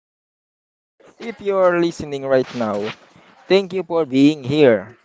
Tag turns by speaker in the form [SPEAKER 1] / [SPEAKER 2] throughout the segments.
[SPEAKER 1] welcome. If you are listening right now, thank you for being here.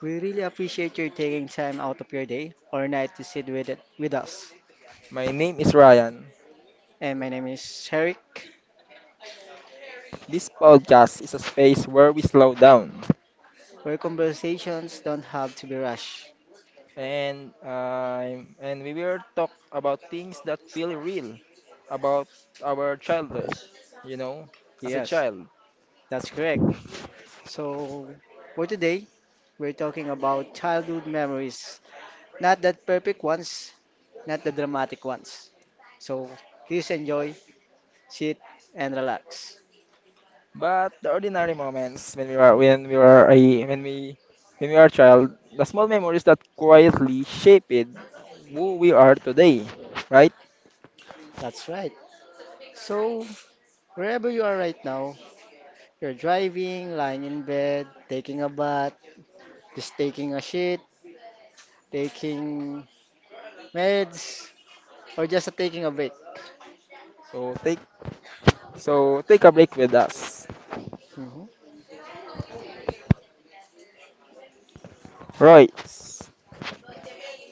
[SPEAKER 2] We really appreciate you taking time out of your day or night to sit with us.
[SPEAKER 1] My name is Ryan.
[SPEAKER 2] And my name is Eric,
[SPEAKER 1] This podcast is a space where we slow down
[SPEAKER 2] where conversations don't have to be rushed.
[SPEAKER 1] and we will talk about things that feel real about our childhood, you know, as a
[SPEAKER 2] Yes,
[SPEAKER 1] child.
[SPEAKER 2] that's correct. So for today, we're talking about childhood memories, not the perfect ones, not the dramatic ones. So please enjoy, sit, and relax.
[SPEAKER 1] But the ordinary moments when we are a when we are a child, the small memories that quietly shaped who we are today, right?
[SPEAKER 2] That's right. So wherever you are right now, you're driving, lying in bed, taking a bath, just taking a shit, taking meds, or just taking a break.
[SPEAKER 1] So So take a break with us.
[SPEAKER 2] hmm
[SPEAKER 1] Royce,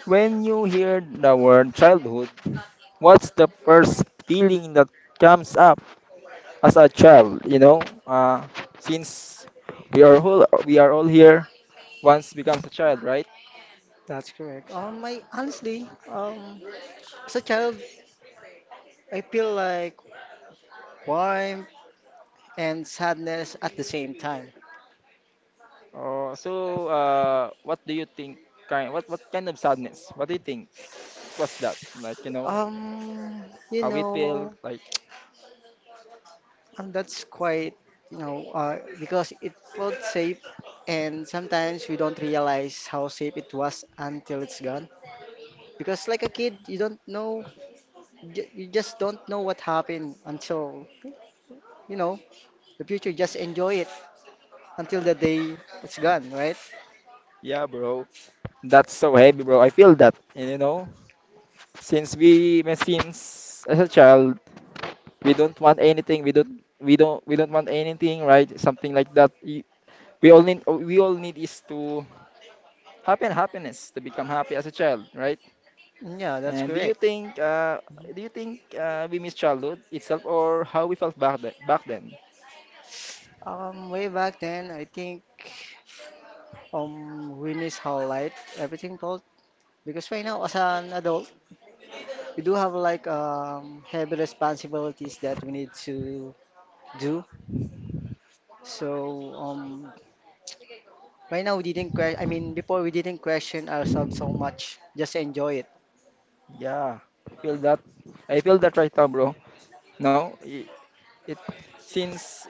[SPEAKER 1] when you hear the word childhood, what's the first feeling that comes up as a child? You know, uh, since we are all here once becomes a child, right?
[SPEAKER 2] That's correct. I honestly, as a child, I feel like warmth and sadness at the same time.
[SPEAKER 1] So what do you think? Kind what kind of sadness? What do you think? What's that? Like you know
[SPEAKER 2] Um, you
[SPEAKER 1] how it feel?
[SPEAKER 2] know,
[SPEAKER 1] Like
[SPEAKER 2] and that's quite, because it felt safe, and sometimes we don't realize how safe it was until it's gone. Because like a kid, you don't know, you just don't know what happened until, you know, the future, just enjoy it until the day it's gone, right?
[SPEAKER 1] yeah, bro, that's so heavy, bro. I feel that. And you know, since as a child we don't want anything we don't we don't want anything, right? Something like that. We all need we all need is to happen happiness to become happy as a child, right?
[SPEAKER 2] Yeah, that's
[SPEAKER 1] And do you
[SPEAKER 2] correct.
[SPEAKER 1] think we miss childhood itself or how we felt back then back then?
[SPEAKER 2] Way back then, I think we miss how light everything felt, because right now, as an adult, we do have like heavy responsibilities that we need to do. So um right now we didn't que- I mean before we didn't question ourselves so much. Just enjoy it.
[SPEAKER 1] yeah i feel that I feel that right now, bro. No it, it Since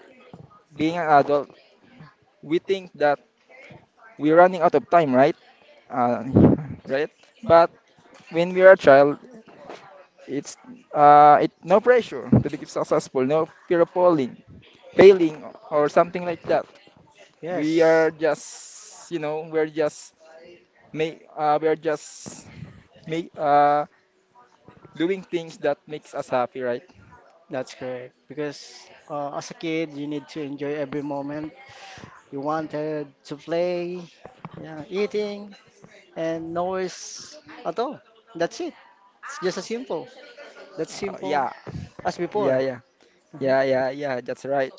[SPEAKER 1] being an adult we think that we're running out of time, right? uh, right. But when we are a child, It's it no pressure to become successful, no fear of falling, failing, or something like that. We
[SPEAKER 2] Yes,
[SPEAKER 1] are just, you know, we're just make, uh, doing things that makes us happy, right?
[SPEAKER 2] that's correct. Because as a kid, you need to enjoy every moment. You wanted to play, yeah, eating, and noise at all. That's it. It's just as simple. That's
[SPEAKER 1] Uh,
[SPEAKER 2] simple
[SPEAKER 1] yeah,
[SPEAKER 2] as
[SPEAKER 1] yeah,
[SPEAKER 2] before.
[SPEAKER 1] yeah,
[SPEAKER 2] Mhm.
[SPEAKER 1] yeah. That's right.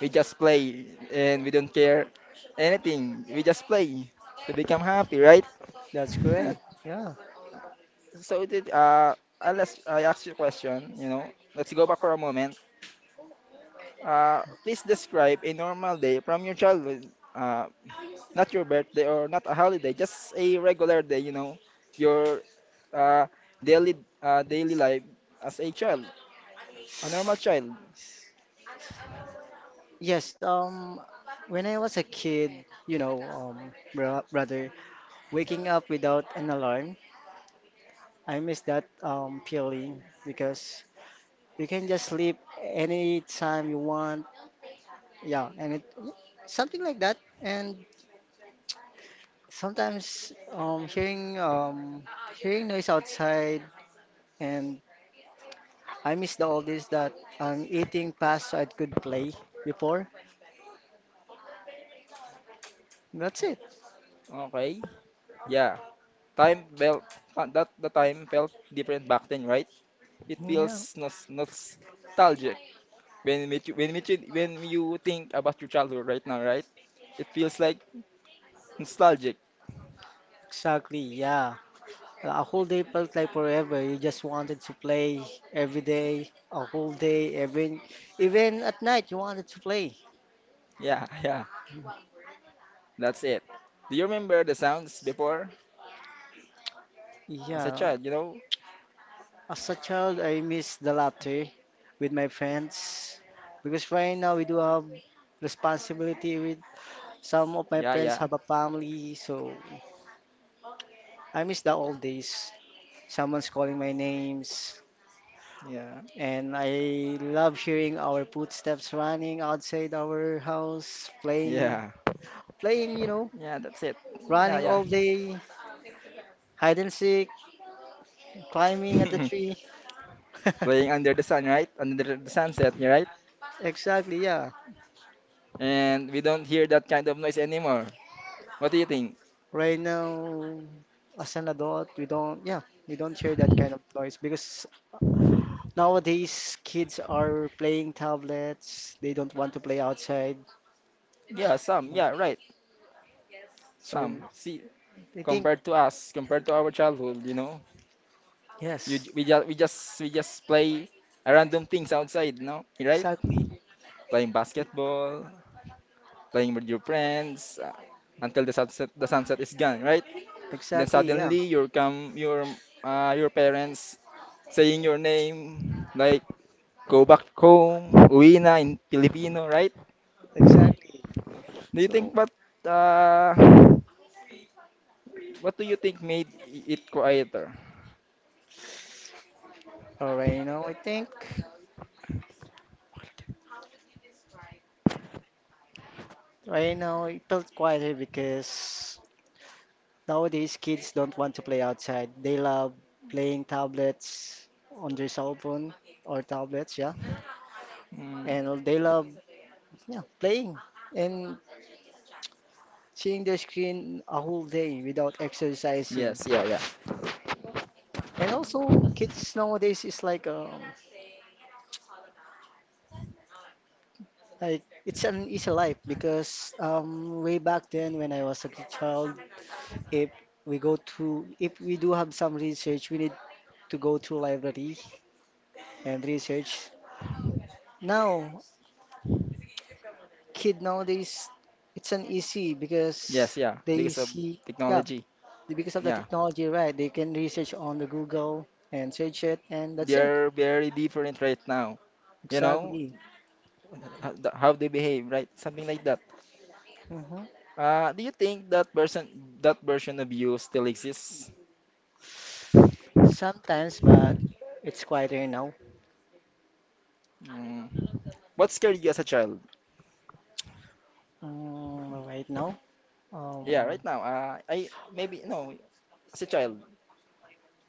[SPEAKER 1] We just play, and we don't care anything. We just play to become happy, right?
[SPEAKER 2] That's great. Yeah.
[SPEAKER 1] So it did, unless I ask you a question, you know, let's go back for a moment. Please describe a normal day from your childhood, uh, not your birthday or not a holiday, just a regular day, you know, your uh, daily daily life as a child, a normal child.
[SPEAKER 2] Yes, when I was a kid, brother, waking up without an alarm, I miss that feeling because you can just sleep anytime you want. Yeah, something like that. And sometimes hearing noise outside, and I miss the old that I'm eating past so I could play before. That's it.
[SPEAKER 1] Okay, yeah. Time felt that the time felt different back then, right? It
[SPEAKER 2] Yeah,
[SPEAKER 1] feels nostalgic when you think about your childhood right now, right? It feels like nostalgic.
[SPEAKER 2] exactly. Yeah, a whole day felt like forever. You just wanted to play every day, a whole day, even at night you wanted to play.
[SPEAKER 1] Yeah, yeah. That's it. Do you remember the sounds before? As a
[SPEAKER 2] Yeah,
[SPEAKER 1] child, you know?
[SPEAKER 2] as a child, I miss the laughter with my friends because right now we do have responsibility with. Some of my
[SPEAKER 1] Yeah,
[SPEAKER 2] friends
[SPEAKER 1] yeah,
[SPEAKER 2] have a family, so I miss the old days. Someone's calling my names,
[SPEAKER 1] yeah,
[SPEAKER 2] and I love hearing our footsteps running outside our house, playing,
[SPEAKER 1] yeah,
[SPEAKER 2] playing,
[SPEAKER 1] yeah, that's it. Yeah,
[SPEAKER 2] running
[SPEAKER 1] yeah.
[SPEAKER 2] all day, hide and seek, climbing at the tree.
[SPEAKER 1] Playing under the sun, right? Under the sunset, yeah, right?
[SPEAKER 2] Exactly, yeah.
[SPEAKER 1] And we don't hear that kind of noise anymore. What do you think?
[SPEAKER 2] Right now, as an adult, we don't, yeah, we don't hear that kind of noise because nowadays kids are playing tablets. They don't want to play outside.
[SPEAKER 1] Yeah, some, yeah, right.
[SPEAKER 2] So
[SPEAKER 1] Some. See,
[SPEAKER 2] I think,
[SPEAKER 1] compared to us, compared to our childhood, you know, you
[SPEAKER 2] yes,
[SPEAKER 1] j- we just we just we just play random things outside, no? Right?
[SPEAKER 2] exactly,
[SPEAKER 1] Playing basketball, playing with your friends, until the sunset is gone, right? Then
[SPEAKER 2] exactly, yeah,
[SPEAKER 1] suddenly your parents saying your name like go back home, uwi na in Filipino, right?
[SPEAKER 2] exactly.
[SPEAKER 1] Do you
[SPEAKER 2] So,
[SPEAKER 1] think uh, what do you think made it quieter?
[SPEAKER 2] all right, now I think right now it felt quieter because nowadays kids don't want to play outside. They love playing tablets on their cell phone or tablets, yeah,
[SPEAKER 1] Mm,
[SPEAKER 2] and they love yeah playing and seeing their screen a whole day without exercising.
[SPEAKER 1] yes, yeah, yeah,
[SPEAKER 2] And also, kids nowadays is like it's an easy life because way back then when I was a child, if if we do have some research, we need to go to library and research. Now, kid nowadays, it's an easy
[SPEAKER 1] yes,
[SPEAKER 2] because
[SPEAKER 1] yeah,
[SPEAKER 2] they
[SPEAKER 1] because of
[SPEAKER 2] see yeah
[SPEAKER 1] technology.
[SPEAKER 2] because of the
[SPEAKER 1] Yeah,
[SPEAKER 2] technology, right? They can research on the Google and search it, and that's it.
[SPEAKER 1] they're very different right now. You know
[SPEAKER 2] Exactly.
[SPEAKER 1] how they behave, right? Something like that.
[SPEAKER 2] hmm
[SPEAKER 1] Do you think that version of you still exists?
[SPEAKER 2] Sometimes, but it's quieter now.
[SPEAKER 1] Mm. What scared you as a child?
[SPEAKER 2] Mm, right now. Um,
[SPEAKER 1] Yeah, right now. I maybe no, as a child.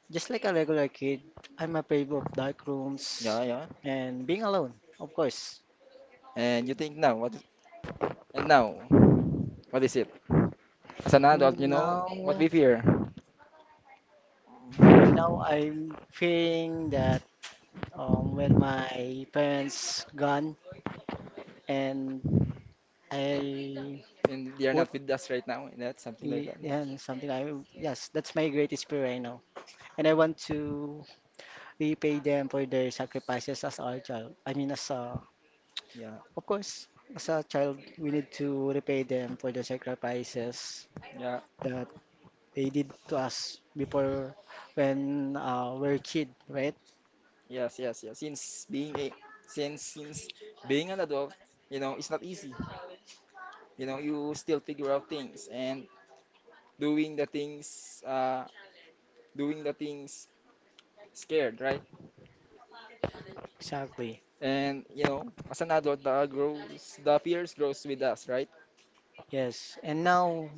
[SPEAKER 2] Just like a regular kid, I'm afraid of dark rooms
[SPEAKER 1] Yeah, yeah.
[SPEAKER 2] and being alone, of course.
[SPEAKER 1] And you think now what? And now what is it? As an adult, you know
[SPEAKER 2] Now,
[SPEAKER 1] what we fear,
[SPEAKER 2] right now, I'm fearing that when my parents gone and I
[SPEAKER 1] and they are
[SPEAKER 2] would,
[SPEAKER 1] not with us right now. And that's something like that. No.
[SPEAKER 2] yeah, something I, yes, that's my greatest fear right now. And I want to
[SPEAKER 1] Mm.
[SPEAKER 2] repay them for their sacrifices as our child. I mean, as a,
[SPEAKER 1] Yeah,
[SPEAKER 2] of course, as a child, we need to repay them for their sacrifices
[SPEAKER 1] yeah,
[SPEAKER 2] that they did to us before when we're kid, right?
[SPEAKER 1] yes, yes, yes. Since being an adult, you know it's not easy. You know you still figure out things and doing the things. Doing the things scared, right?
[SPEAKER 2] Exactly.
[SPEAKER 1] And you know as an adult, the fears grows with us, right?
[SPEAKER 2] Yes. And now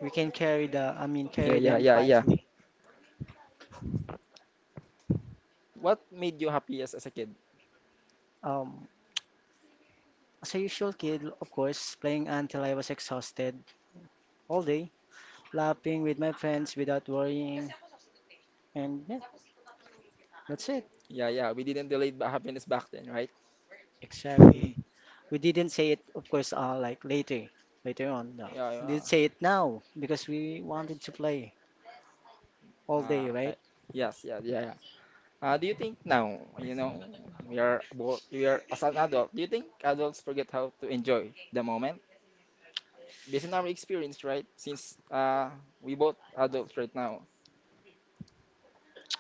[SPEAKER 2] we can carry the, I mean,
[SPEAKER 1] Yeah,
[SPEAKER 2] carry
[SPEAKER 1] yeah,
[SPEAKER 2] them
[SPEAKER 1] yeah, yeah.
[SPEAKER 2] quietly.
[SPEAKER 1] What made you happiest as a kid?
[SPEAKER 2] Um, as a usual kid, of course, playing until I was exhausted all day, laughing with my friends without worrying, and yeah, that's it.
[SPEAKER 1] Yeah, yeah. We didn't delay happiness back then, right?
[SPEAKER 2] Exactly. We didn't say it, of course, like later, later on. No.
[SPEAKER 1] Yeah,
[SPEAKER 2] We
[SPEAKER 1] yeah.
[SPEAKER 2] did say it now because we wanted to play all day,
[SPEAKER 1] Ah, okay.
[SPEAKER 2] right?
[SPEAKER 1] Yes, yeah, yeah, yeah. Do you think now, you know, we are as an adult, do you think adults forget how to enjoy the moment? Based on our experience, right? Since we both adults right now.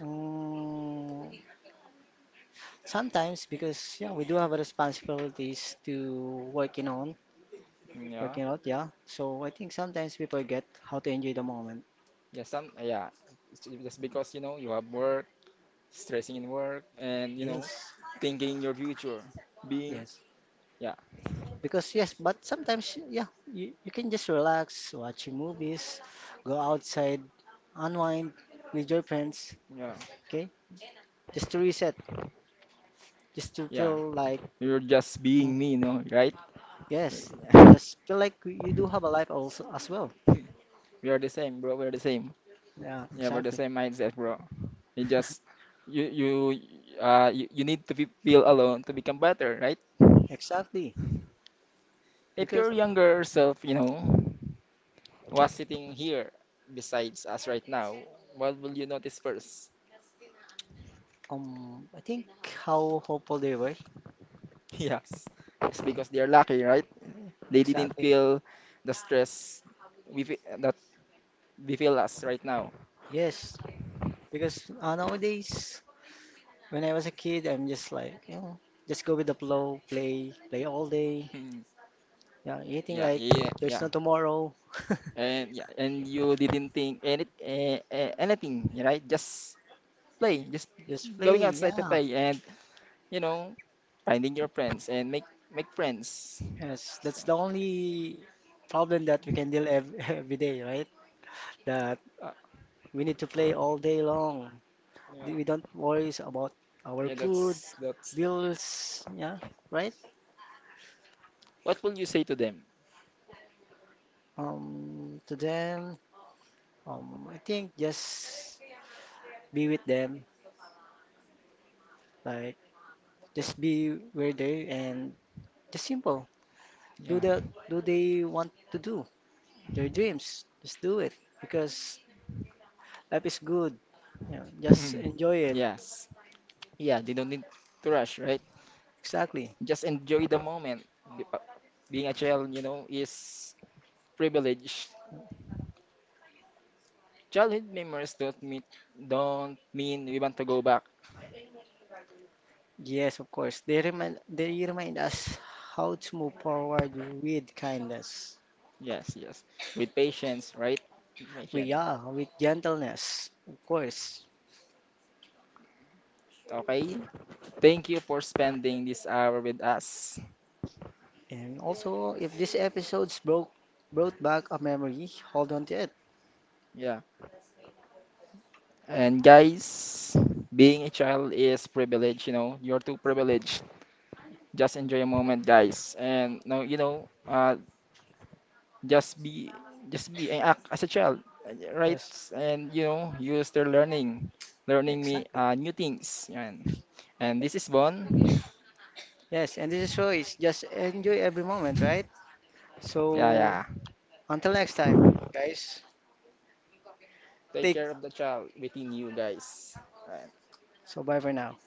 [SPEAKER 2] Mm, Sometimes because yeah, we do have responsibilities to working on,
[SPEAKER 1] Yeah.
[SPEAKER 2] working out, yeah. So I think sometimes we forget how to enjoy the moment.
[SPEAKER 1] Yeah, some, yeah. Just because, you know, you have work, stressing in work, and, you know,
[SPEAKER 2] Yes,
[SPEAKER 1] thinking your future, being,
[SPEAKER 2] yes.
[SPEAKER 1] yeah,
[SPEAKER 2] Because yes, but sometimes yeah, you can just relax, watching movies, go outside, unwind with your friends,
[SPEAKER 1] yeah,
[SPEAKER 2] okay? Just to reset, just to
[SPEAKER 1] yeah.
[SPEAKER 2] feel like
[SPEAKER 1] You're just being me, no? Right?
[SPEAKER 2] yes, feel like you do have a life also as well.
[SPEAKER 1] We are the same, bro. We're the same.
[SPEAKER 2] Yeah,
[SPEAKER 1] Yeah, we're the
[SPEAKER 2] exactly.
[SPEAKER 1] same mindset, bro. You just you you you, you need to be, feel alone to become better, right?
[SPEAKER 2] Exactly.
[SPEAKER 1] If
[SPEAKER 2] Because
[SPEAKER 1] your younger self, you know, was sitting here besides us right now, what will you notice first?
[SPEAKER 2] I think how hopeful they were.
[SPEAKER 1] Yes, it's
[SPEAKER 2] Mhm.
[SPEAKER 1] because they are lucky, right? They didn't
[SPEAKER 2] Exactly.
[SPEAKER 1] feel the stress that we feel us right now.
[SPEAKER 2] Yes. Because nowadays, when I was a kid, I'm just like, you know, just go with the flow, play, play all day.
[SPEAKER 1] Hmm.
[SPEAKER 2] Yeah, eating
[SPEAKER 1] Yeah,
[SPEAKER 2] like
[SPEAKER 1] yeah,
[SPEAKER 2] there's no
[SPEAKER 1] yeah.
[SPEAKER 2] tomorrow.
[SPEAKER 1] And yeah, and you didn't think any anything, right? Just play, just
[SPEAKER 2] Just
[SPEAKER 1] going
[SPEAKER 2] play.
[SPEAKER 1] outside to
[SPEAKER 2] Yeah.
[SPEAKER 1] play, and you know, finding your friends and make friends.
[SPEAKER 2] Yes.
[SPEAKER 1] So,
[SPEAKER 2] That's the only problem that we can deal ev every day, right? That
[SPEAKER 1] uh,
[SPEAKER 2] we need to play all day long. We don't worry about our
[SPEAKER 1] yeah,
[SPEAKER 2] food,
[SPEAKER 1] that's that's.
[SPEAKER 2] bills. Yeah. Right?
[SPEAKER 1] What will you say to them?
[SPEAKER 2] To them, I think just be with them. Like, just be where they and just simple. Do
[SPEAKER 1] Yeah.
[SPEAKER 2] the do they want to do their dreams. Just do it because life is good. You know, just
[SPEAKER 1] Hmm.
[SPEAKER 2] enjoy it.
[SPEAKER 1] Yes. Yeah, they don't need to rush, right?
[SPEAKER 2] Exactly.
[SPEAKER 1] Just enjoy the moment. Be- uh, Being a child, you know, is privilege. Childhood memories don't mean we want to go back.
[SPEAKER 2] Yes, of course. They remind us how to move forward with kindness.
[SPEAKER 1] Yes, yes. With patience, right?
[SPEAKER 2] We
[SPEAKER 1] Patient.
[SPEAKER 2] are with gentleness, of course.
[SPEAKER 1] Okay. Thank you for spending this hour with us.
[SPEAKER 2] And also, if this episode's broke brought back a memory, hold on to it.
[SPEAKER 1] Yeah. And guys, being a child is privilege, you know. You're too privileged. Just enjoy a moment, guys. And no, you know, just be, just be and act as a child, right?
[SPEAKER 2] Yes,
[SPEAKER 1] And you know, use their learning, learning me
[SPEAKER 2] exactly.
[SPEAKER 1] new things. And this is Bon.
[SPEAKER 2] Yes, and this is choice. Just enjoy every moment, right?
[SPEAKER 1] Yeah,
[SPEAKER 2] So
[SPEAKER 1] yeah.
[SPEAKER 2] until next time, guys,
[SPEAKER 1] Take
[SPEAKER 2] take
[SPEAKER 1] care of the child within you, guys.
[SPEAKER 2] so bye for now.